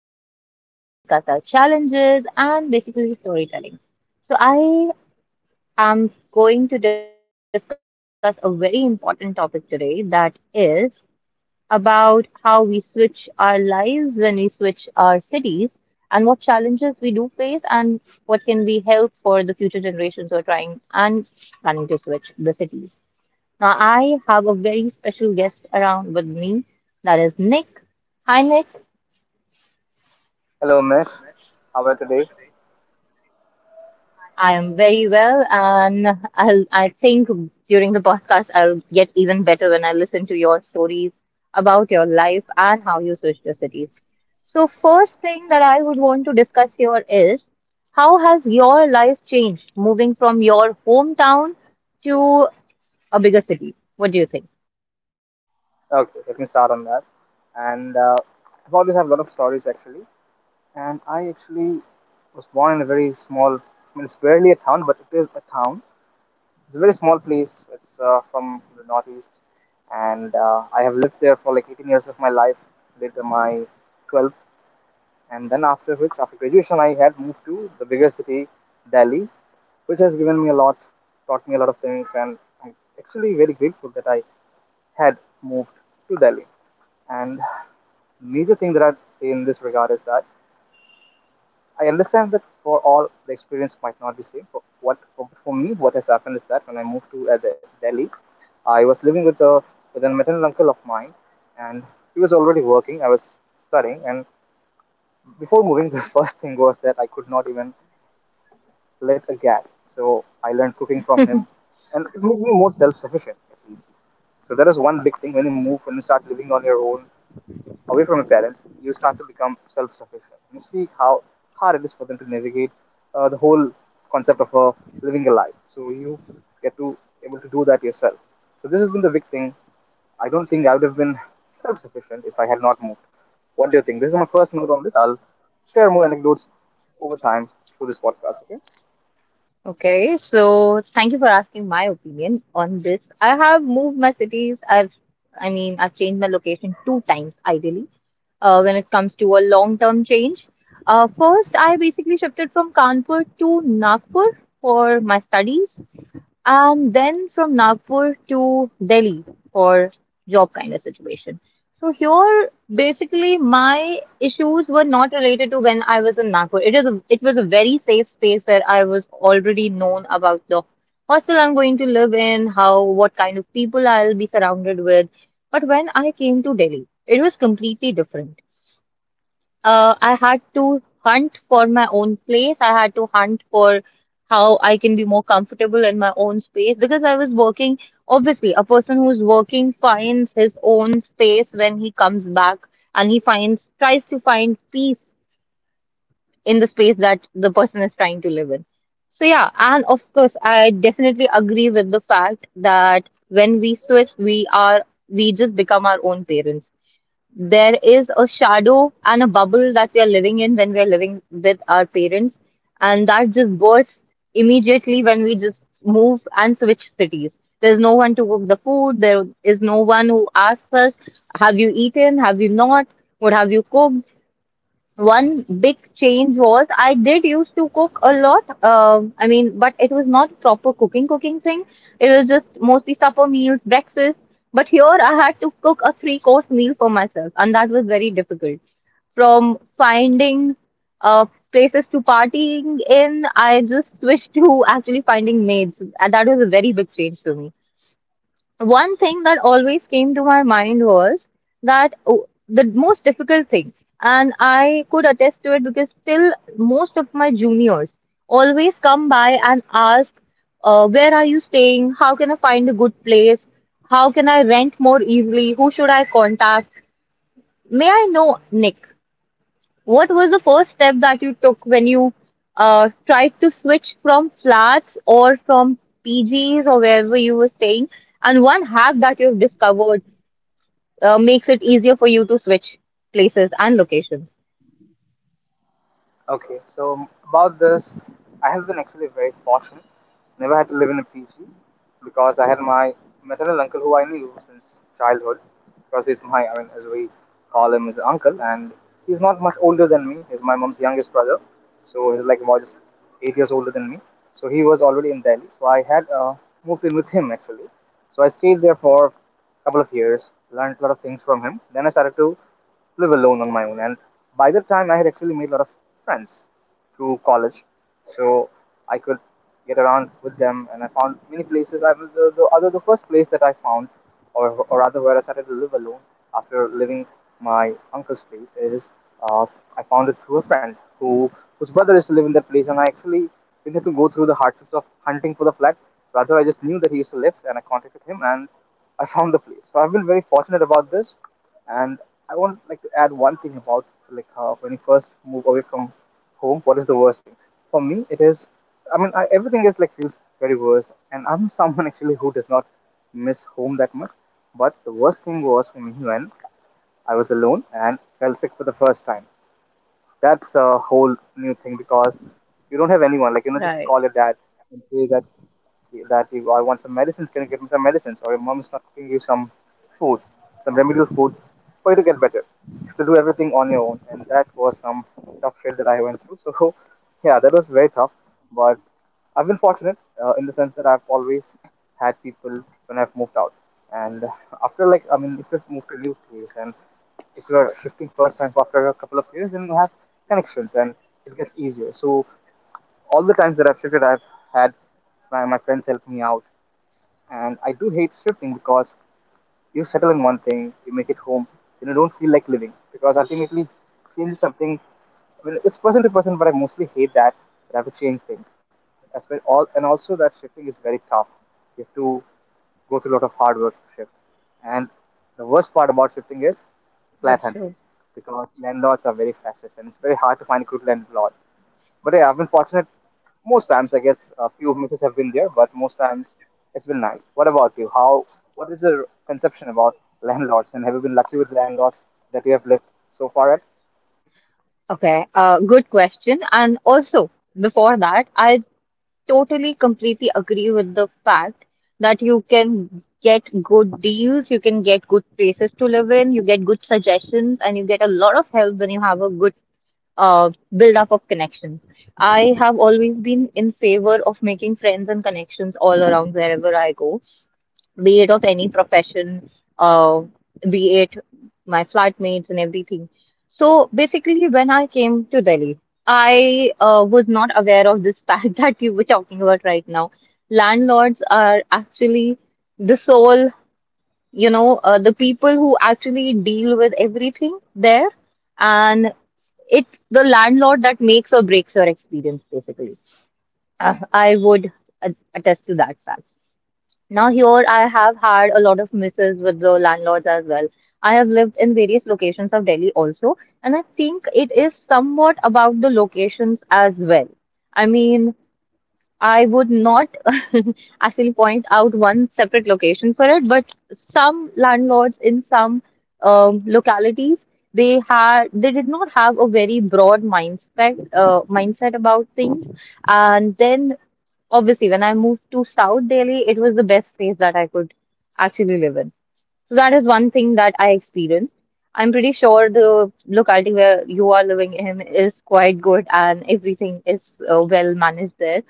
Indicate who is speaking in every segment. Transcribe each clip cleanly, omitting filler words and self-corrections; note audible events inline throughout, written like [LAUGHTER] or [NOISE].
Speaker 1: life, we discuss our challenges, and basically storytelling. So, I am going to discuss a very important topic today that is about how we switch our lives when we switch our cities and what challenges we do face and what can be help for the future generations who are trying and planning to switch the cities. Now, I have a very special guest around with me. That is Nick. Hi, Nick. I am very well, and I think during the podcast, I'll get even better when I listen to your stories about your life and how you switched your cities. So, first thing that I would want to discuss here is how has your life changed moving from your hometown to a bigger city? What do you think? Okay, so thank you for asking my opinion on this. I have moved my cities. I've changed my location two times ideally. When it comes to a long-term change, first I basically shifted from Kanpur to Nagpur for my studies and then from Nagpur to Delhi for job kind of situation. So here, basically, my issues were not related to when I was in Nagpur. It was a very safe space where I was already known about the hostel I'm going to live in, how what kind of people I'll be surrounded with. But when I came to Delhi, it was completely different. I had to hunt for my own place. I had to hunt for how I can be more comfortable in my own space because I was working. Obviously, a person who's working finds his own space when he comes back and he tries to find peace in the space that the person is trying to live in. So, yeah, and of course, I definitely agree with the fact that when we switch, we are, we just become our own parents. There is a shadow and a bubble that we are living in when we are living with our parents, and that just bursts immediately when we just move and switch cities. There's no one to cook the food, there is no one who asks us, have you eaten? Have you not? What have you cooked? One big change was I did used to cook a lot. But it was not proper cooking thing. It was just mostly supper meals, breakfast. But here I had to cook a three course meal for myself, and that was very difficult. From finding uh, places to partying in, I just [LAUGHS] switched to actually finding maids, and that was a very big change to me. One thing that always came to my mind was that oh, the most difficult thing, and I could attest to it because still most of my juniors always come by and ask, where are you staying? How can I find a good place? How can I rent more easily? Who should I contact? May I know, Nick? What was the first step that you took when you tried to switch from flats or from PGs or wherever you were staying? And one hack that you've discovered makes it easier for you to switch places and locations. Right, that's true. Okay, good question. And also, before that, I totally completely agree with the fact that you can get good deals, you can get good places to live in, you get good suggestions, and you get a lot of help when you have a good uh, build up of connections. I have always been in favor of making friends and connections all around wherever I go, be it of any profession, uh, be it my flatmates and everything. So basically, when I came to Delhi, I was not aware of this fact [LAUGHS] that you were talking about right now. Landlords are actually the sole, the people who actually deal with everything there and it's the landlord that makes or breaks your experience, basically. I would attest to that fact. Now, here I have had a lot of misses with the landlords as well. I have lived in various locations of Delhi also, and I think it is somewhat about the locations as well. I mean, I would not [LAUGHS] actually point out one separate location for it, but some landlords in some localities they did not have a very broad mindset about things, and then obviously when I moved to South Delhi, it was the best place that I could actually live in. So that is one thing that I experienced. I'm pretty sure the locality where you are living in is quite good and everything is well managed there.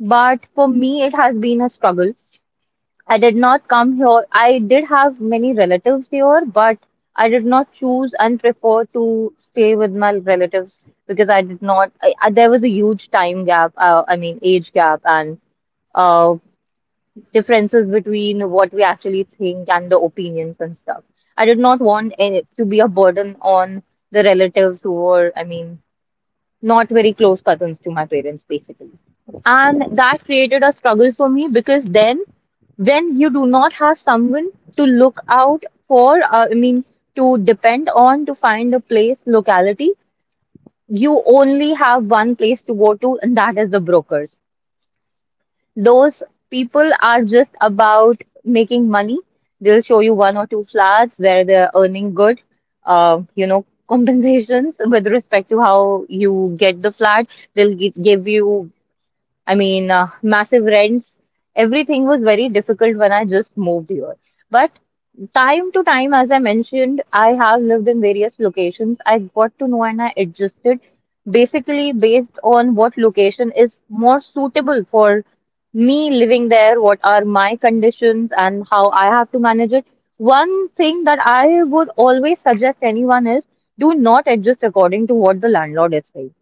Speaker 1: But for me, it has been a struggle. I did not come here. I did have many relatives here, but I did not choose and prefer to stay with my relatives because I did not. There was a huge time gap. Age gap and uh, differences between what we actually think and the opinions and stuff. I did not want it to be a burden on the relatives who were. I mean, not very close cousins to my parents basically, and that created a struggle for me because then when you do not have someone to look out for, to depend on, to find a place locality, you only have one place to go to and that is the brokers. Those people are just about making money. They'll show you one or two flats where they're earning good, [LAUGHS] compensations with respect to how you get the flat. They'll give you massive rents. Everything was very difficult when I just moved here. But time to time, as I mentioned, I have lived in various locations. I got to know and I adjusted basically based on what location is more suitable for me living there, what are my conditions, and how I have to manage it. One thing that I would always suggest anyone is do not adjust according to what the landlord is saying.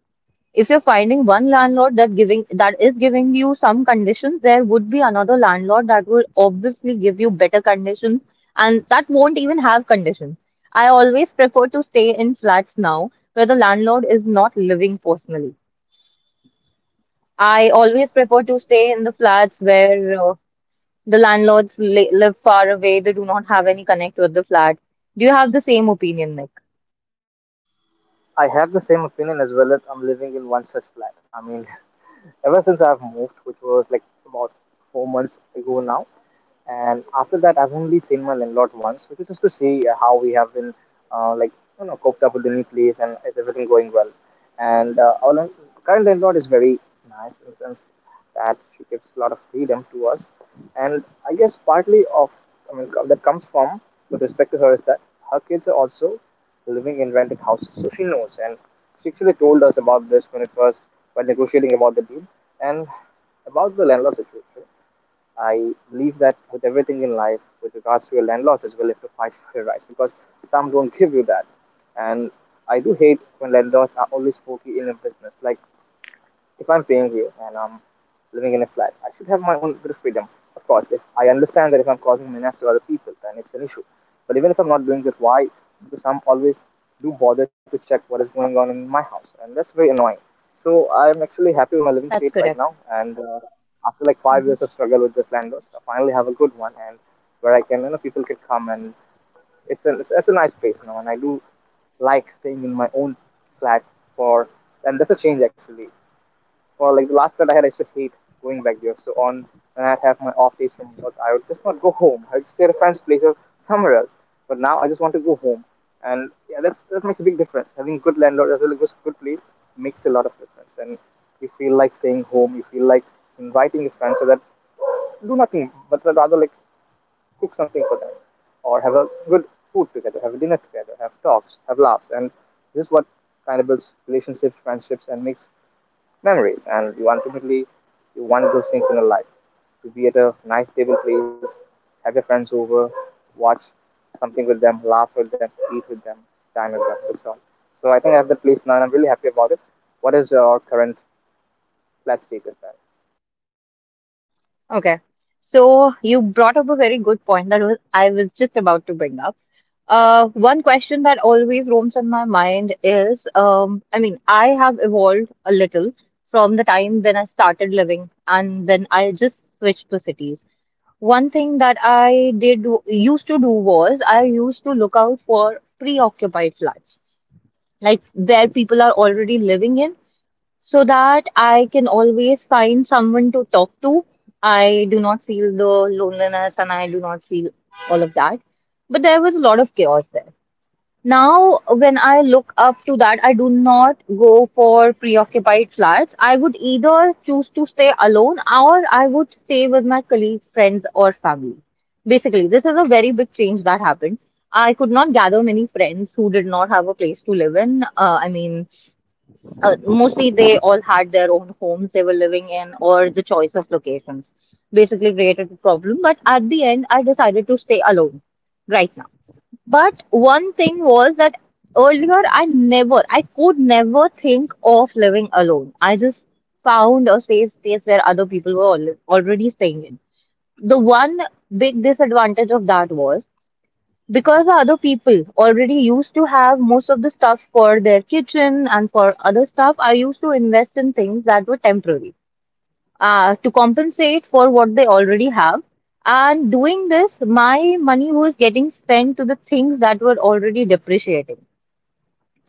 Speaker 1: If you're finding one landlord that is giving you some conditions, there would be another landlord that will obviously give you better conditions and that won't even have conditions. I always prefer to stay in flats now where the landlord is not living personally. I always prefer to stay in the flats where the landlords li live far away, they do not have any connect with the flat. Do you have the same opinion, Nick? That's correct. Okay. So you brought up a very good point that was I was just about to bring up. One question that always roams in my mind is, I have evolved a little from the time when I started living, and then I just switched to cities. One thing that I did used to do was I used to look out for preoccupied flats, like where people are already living in so that I can always find someone to talk to. I do not feel the loneliness and I do not feel all of that. But there was a lot of chaos there. Now, when I look up to that, I do not go for preoccupied flats. I would either choose to stay alone or I would stay with my colleagues, friends, or family. Basically, this is a very big change that happened. I could not gather many friends who did not have a place to live in. Mostly they all had their own homes they were living in, or the choice of locations basically created a problem, but at the end I decided to stay alone right now. But one thing was that earlier I could never think of living alone. I just found a safe space where other people were already staying in. The one big disadvantage of that was because the other people already used to have most of the stuff for their kitchen and for other stuff, I used to invest in things that were temporary to compensate for what they already have. And doing this, my money was getting spent to the things that were already depreciating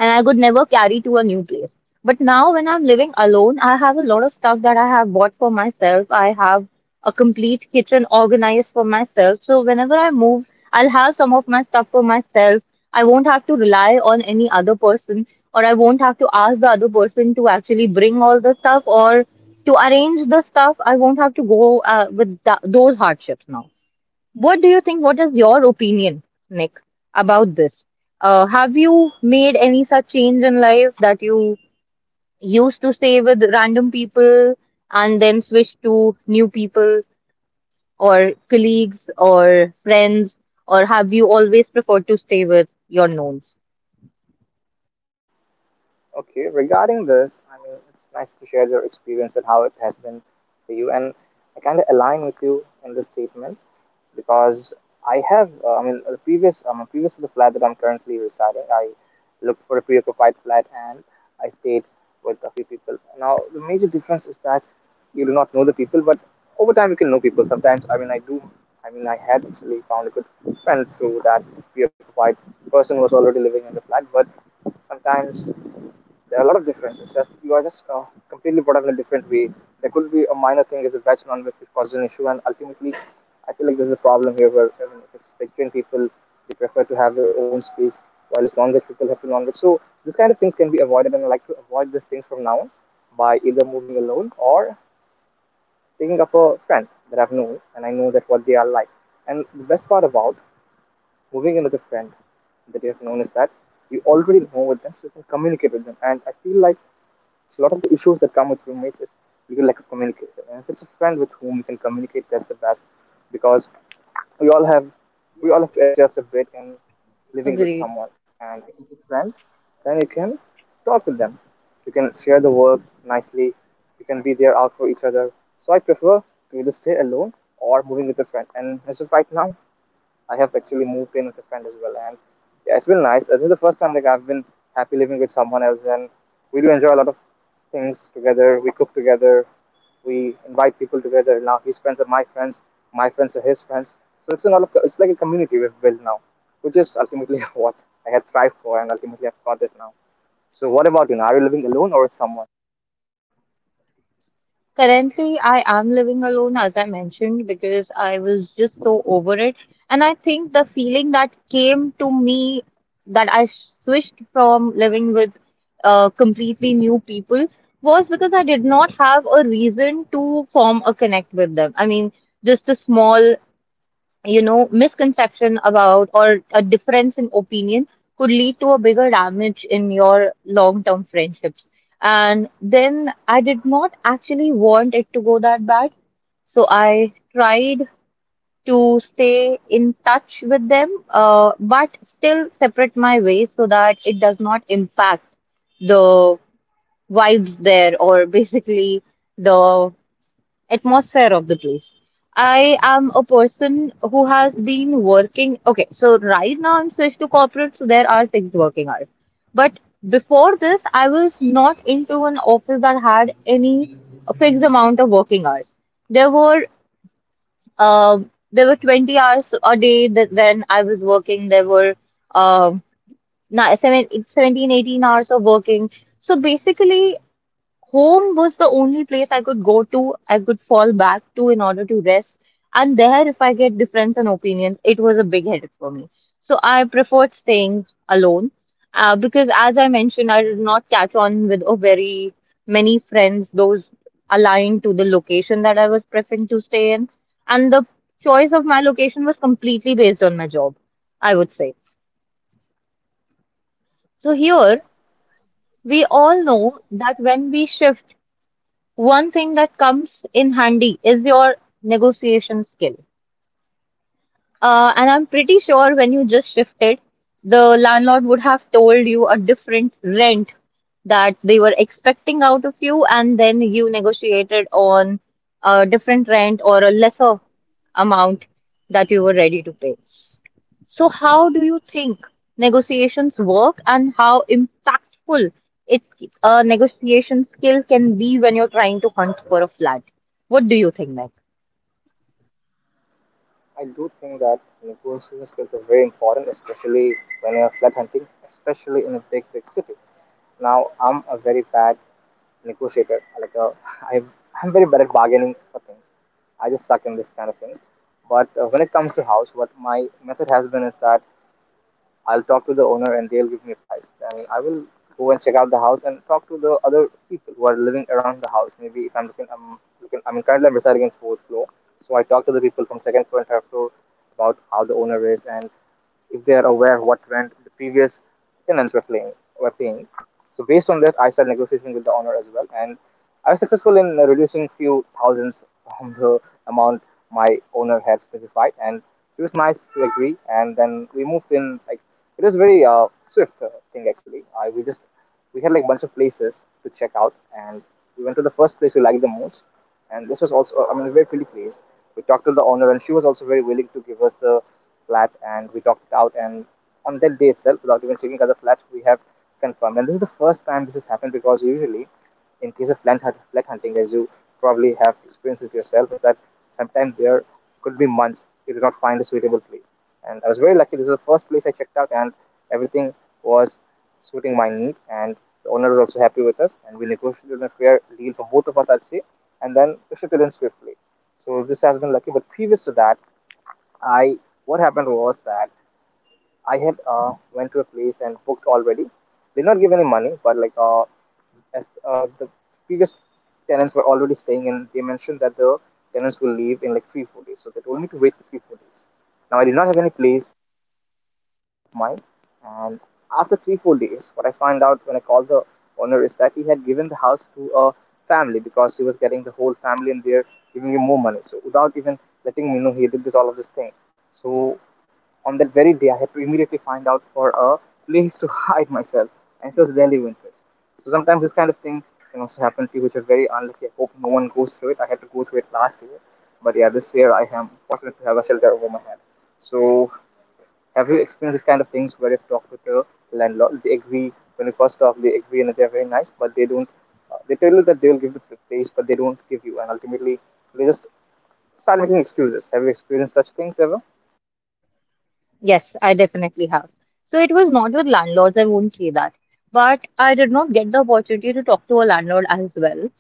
Speaker 1: and I could never carry to a new place. But now, when I'm living alone, I have a lot of stuff that I have bought for myself. I have a complete kitchen organized for myself. So, whenever I move, I'll have some of my stuff for myself. I won't have to rely on any other person, or I won't have to ask the other person to actually bring all the stuff or to arrange the stuff. I won't have to go with those hardships now. What do you think? What is your opinion, Nick, about this? Have you made any such change in life that you used to stay with random people and then switch to new people or colleagues or friends? Or have you always preferred to stay with your knowns? Agreed. Currently, I am living alone, as I mentioned, because I was just so over it. And I think the feeling that came to me that I switched from living with completely new people was because I did not have a reason to form a connect with them. I mean, just a small misconception about or a difference in opinion could lead to a bigger damage in your long-term friendships. And then I did not actually want it to go that bad, so I tried to stay in touch with them, but still separate my ways so that it does not impact the vibes there or basically the atmosphere of the place. I am a person who has been working. Okay, so right now I'm switched to corporate, so there are fixed working hours. But before this, I was not into an office that had any fixed amount of working hours. There were uh, there were 20 hours a day that when I was working. There were uh, 17, 18 hours of working. So basically, home was the only place I could go to, I could fall back to in order to rest. And there, if I get difference in opinions, it was a big headache for me. So I preferred staying alone because, as I mentioned, I did not catch on with a very many friends, those aligned to the location that I was preferring to stay in. And the choice of my location was completely based on my job, I would say. So here, we all know that when we shift, one thing that comes in handy is your negotiation skill. And I'm pretty sure when you just shifted, the landlord would have told you a different rent that they were expecting out of you, and then you negotiated on a different rent or a lesser amount that you were ready to pay. So, how do you think negotiations work and how impactful it a negotiation skill can be when you're trying to hunt for a flat? What do you think, Meg? Yes, I definitely have. So it was not with landlords, I won't say that. But I did not get the opportunity to talk to a landlord as well.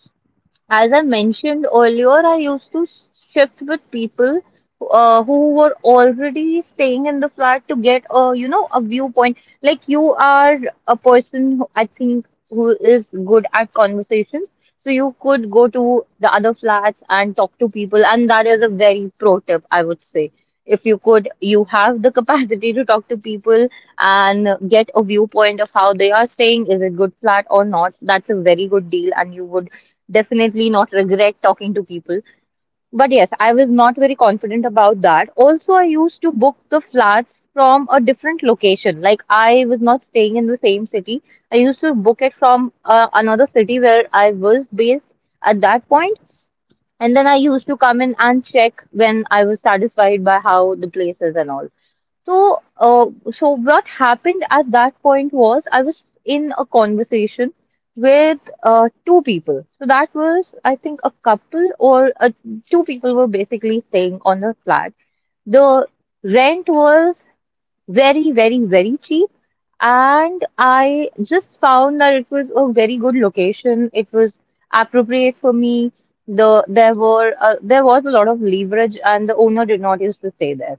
Speaker 1: As I mentioned earlier, I used to s- shift with people who were already staying in the flat to get a, you know, a viewpoint. Like you are a person who I think who is good at conversations, so you could go to the other flats and talk to people, and that is a very pro tip, I would say. If you could, you have the [LAUGHS] capacity to talk to people and get a viewpoint of how they are staying. Is it good flat or not? That's a very good deal, and you would definitely not regret talking to people. But yes, I was not very confident about that. Also, I used to book the flats from a different location. Like, I was not staying in the same city. I used to book it from another city where I was based at that point. And then I used to come in and check when I was satisfied by how the place is and all. So, uh, so what happened at that point was I was in a conversation with two people. So that was, I think, a couple or two people were basically staying on a flat. The rent was very, very, very cheap, and I just found that it was a very good location. It was appropriate for me. There was a lot of leverage, and the owner did not used to stay there.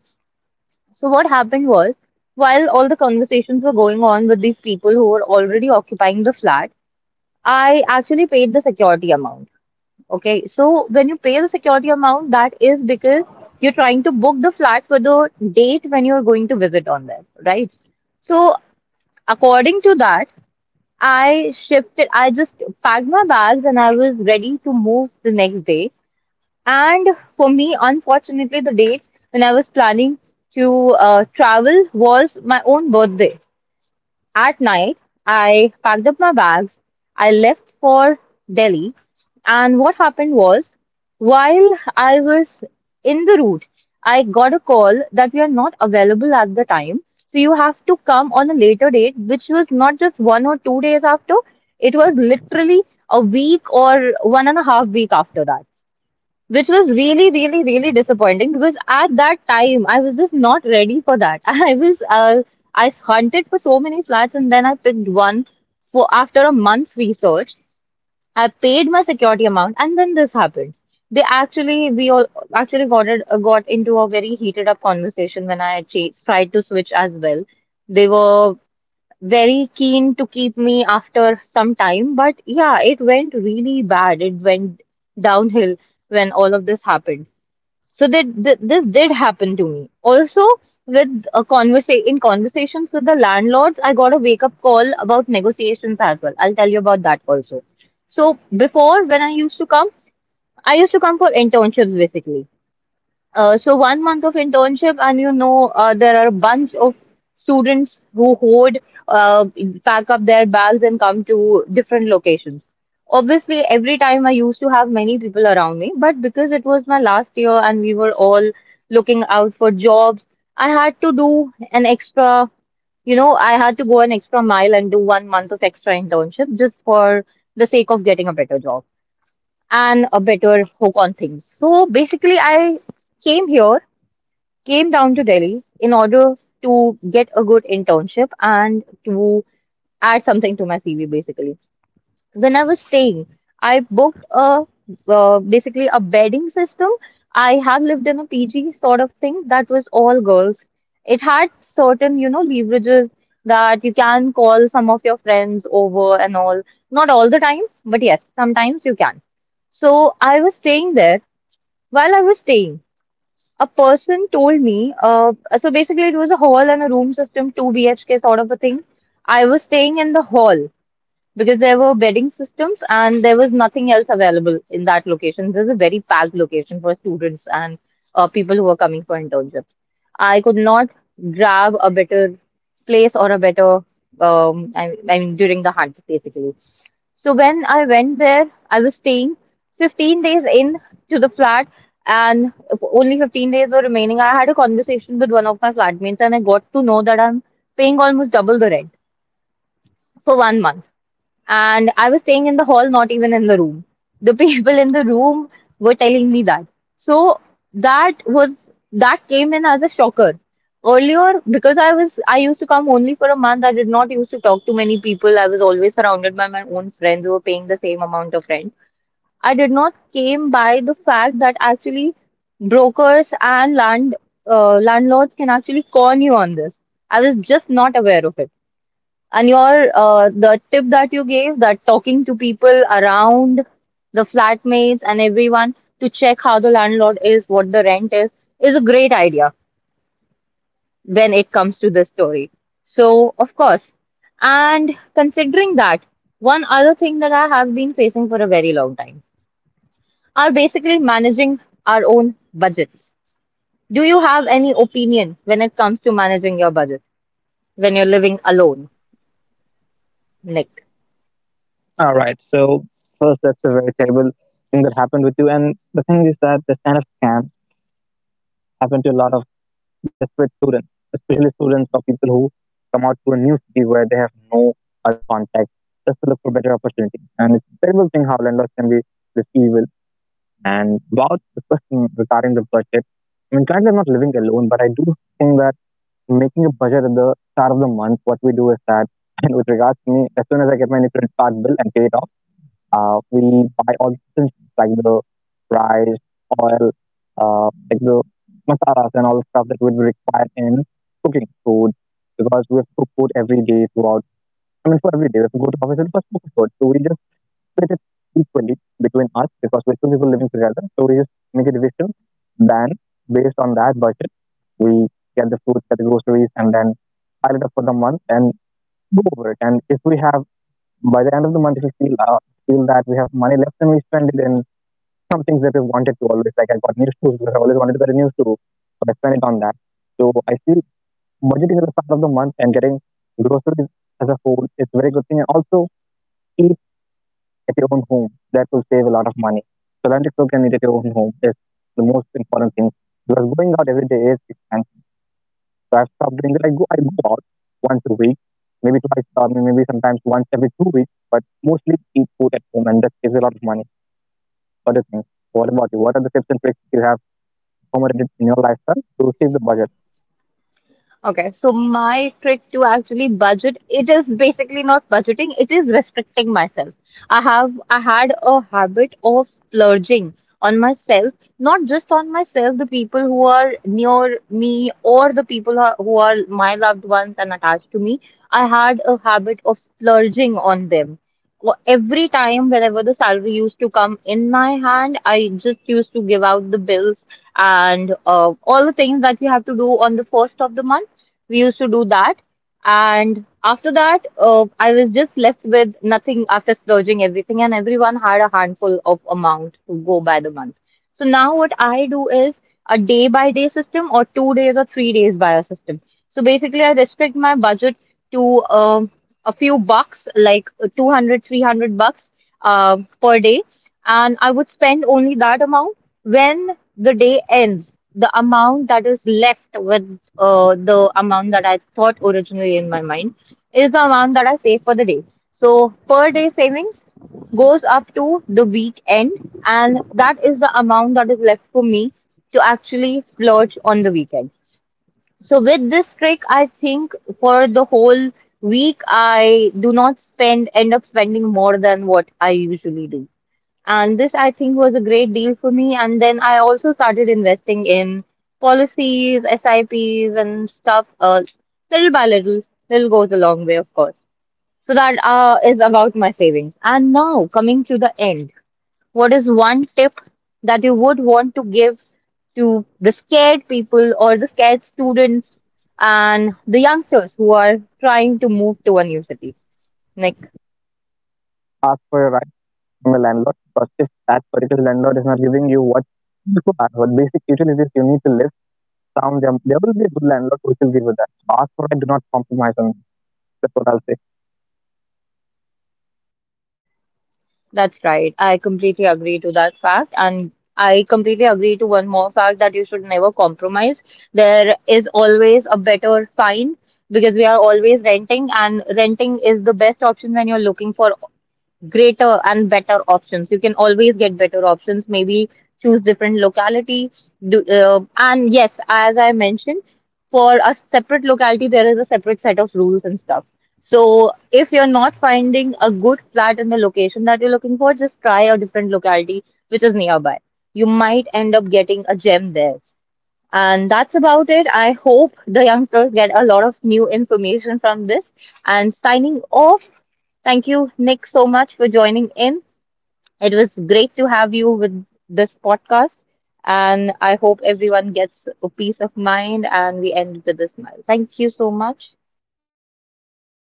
Speaker 1: So what happened was, while all the conversations were going on with these people who were already occupying the flat, I actually paid the security amount. Okay, so when you pay the security amount, that is because you're trying to book the flat for the date when you're going to visit on there, right? So according to that, I shifted. I just packed my bags and I was ready to move the next day. And for me, unfortunately, the date when I was planning to travel was my own birthday. At night, I packed up my bags, I left for Delhi, and what happened was while I was in the route, I got a call that we are not available at the time. So you have to come on a later date, which was not just 1 or 2 days after, it was literally a week or one and a half week after that, which was really, really, really disappointing because at that time I was just not ready for that. [LAUGHS] i was uh, I hunted for so many flats and then I picked one for after a month's research. I paid my security amount and then this happened. They actually We all actually got it, got into a very heated up conversation when tried to switch as well. They were very keen to keep me after some time. But yeah, it went really bad. It went downhill when all of this happened. So that th this did happen to me. Also, with a conversations with the landlords, I got a wake-up call about negotiations as well. I'll tell you about that also. So before, when I used to come, I used to come for internships basically. So 1 month of internship, and you know, there are a bunch of students who hoard, uh, pack up their bags and come to different locations. Obviously, every time I used to have many people around me, but because it was my last year and we were all looking out for jobs, I had to do an extra, you know, I had to go an extra mile and do 1 month of extra internship just for the sake of getting a better job and a better hook on things. So basically, I came here came down to Delhi in order to get a good internship and to add something to my CV basically. So when I was staying, I booked a basically a bedding system. I had lived in a PG sort of thing that was all girls. It had certain, you know, leverages that you can call some of your friends over and all. Not all the time, but yes, sometimes you can. So I was staying there. While I was staying, a person told me, so basically it was a hall and a room system, 2 BHK sort of a thing. I was staying in the hall because there were bedding systems and there was nothing else available in that location. This is a very packed location for students and people who are coming for internships. I could not grab a better place or a better, I mean, during the hunt, basically. So when I went there, I was staying 15 days in to the flat, and if only 15 days were remaining. I had a conversation with one of my flatmates, and I got to know that I'm paying almost double the rent for 1 month and I was staying in the hall, not even in the room. The [LAUGHS] people in the room were telling me that. So that came in as a shocker. Earlier, because I used to come only for a month, I did not used to talk to many people. I was always surrounded by my own friends who were paying the same amount of rent. I did not came by the fact that actually brokers and land landlords can actually con you on this. I was just not aware of it. And your the tip that you gave that talking to people around the flatmates and everyone to check how the landlord is, what the rent is a great idea when it comes to this story. So, of course. And considering that, one other thing that I have been facing for a very long time are basically managing our own budgets. Do you have any opinion when it comes to managing your budget when you're living alone, Nick?
Speaker 2: All right. So first, that's a very terrible thing that happened with you. And the thing is that this kind of scams happen to a lot of desperate students, especially students or people who come out to a new city where they have no other contact, just to look for better opportunity. And it's a terrible thing how landlords can be this evil. And about the question regarding the budget, I mean, currently I'm not living alone, but I do think that making a budget at the start of the month, what we do is that, [LAUGHS] and with regards to me, as soon as I get my new credit card bill and pay it off. We buy all the things like the rice, oil, like the masalas and all the stuff that would be required in cooking food because we have to cook food every day throughout. I mean, for every day, we have to go to office and first cook food. So we just split it equally between us because we're two people living together. So we just make a division. Then, based on that budget, we get the food, get the groceries, and then pile it up for the month and go over it. And if we have by the end of the month, if you feel feel that we have money left and we spend it in some things that we wanted to always, like I got new shoes because I always wanted to get a new shoe, but I spent it on that. So I feel budgeting at the start of the month and getting groceries as a whole is a very good thing. And also eat at your own home. That will save a lot of money. So learn to cook and eat at your own home is the most important thing. Because going out every day is expensive, so I've stopped doing it. I go out once a week, maybe twice, maybe sometimes once every 2 weeks, but mostly eat food at home, and that saves a lot of money. What do you think? What about you? What are the tips and tricks you have implemented in your lifestyle to save the budget?
Speaker 1: Okay, so my trick to actually budget, it is basically not budgeting, it is restricting myself. I had a habit of splurging on myself, not just on myself, the people who are near me or the people who are my loved ones and attached to me. I had a habit of splurging on them. Every time, whenever the salary used to come in my hand, I just used to give out the bills and all the things that we have to do on the first of the month. We used to do that, and after that, I was just left with nothing after splurging everything, and everyone had a handful of amount to go by the month. So now what I do is a day by day system or 2 days or 3 days by a system. So basically, I restrict my budget to a few bucks, like 200, 300 bucks per day. And I would spend only that amount when the day ends, the amount that is left with the amount that I thought originally in my mind is the amount that I save for the day. So per day savings goes up to the week end, and that is the amount that is left for me to actually splurge on the weekend. So with this trick, I think for the whole week, I do not spend end up spending more than what I usually do. And this, I think, was a great deal for me. And then I also started investing in policies, SIPs, and stuff, little by little, little goes a long way, of course. So that is about my savings. And now, coming to the end, what is one tip that you would want to give to the scared people or the scared students and the youngsters who are trying to move to a new city, Nick?
Speaker 2: Ask for your rights from the landlord, because if that particular landlord is not giving you what you require, what basic utilities you need to live, sound them. There will be a good landlord who will give you that. Ask for it. Do not compromise on. That. That's what I'll say.
Speaker 1: That's right. I completely agree to that fact. And I completely agree to one more fact that you should never compromise. There is always a better find because we are always renting, and renting is the best option when you're looking for greater and better options. You can always get better options, maybe choose different locality. And yes, as I mentioned, for a separate locality, there is a separate set of rules and stuff. So if you're not finding a good flat in the location that you're looking for, just try a different locality which is nearby. You might end up getting a gem there. And that's about it. I hope the youngsters get a lot of new information from this. And signing off, thank you, Nick, so much for joining in. It was great to have you with this podcast. And I hope everyone gets a peace of mind and we end with a smile. Thank you so much.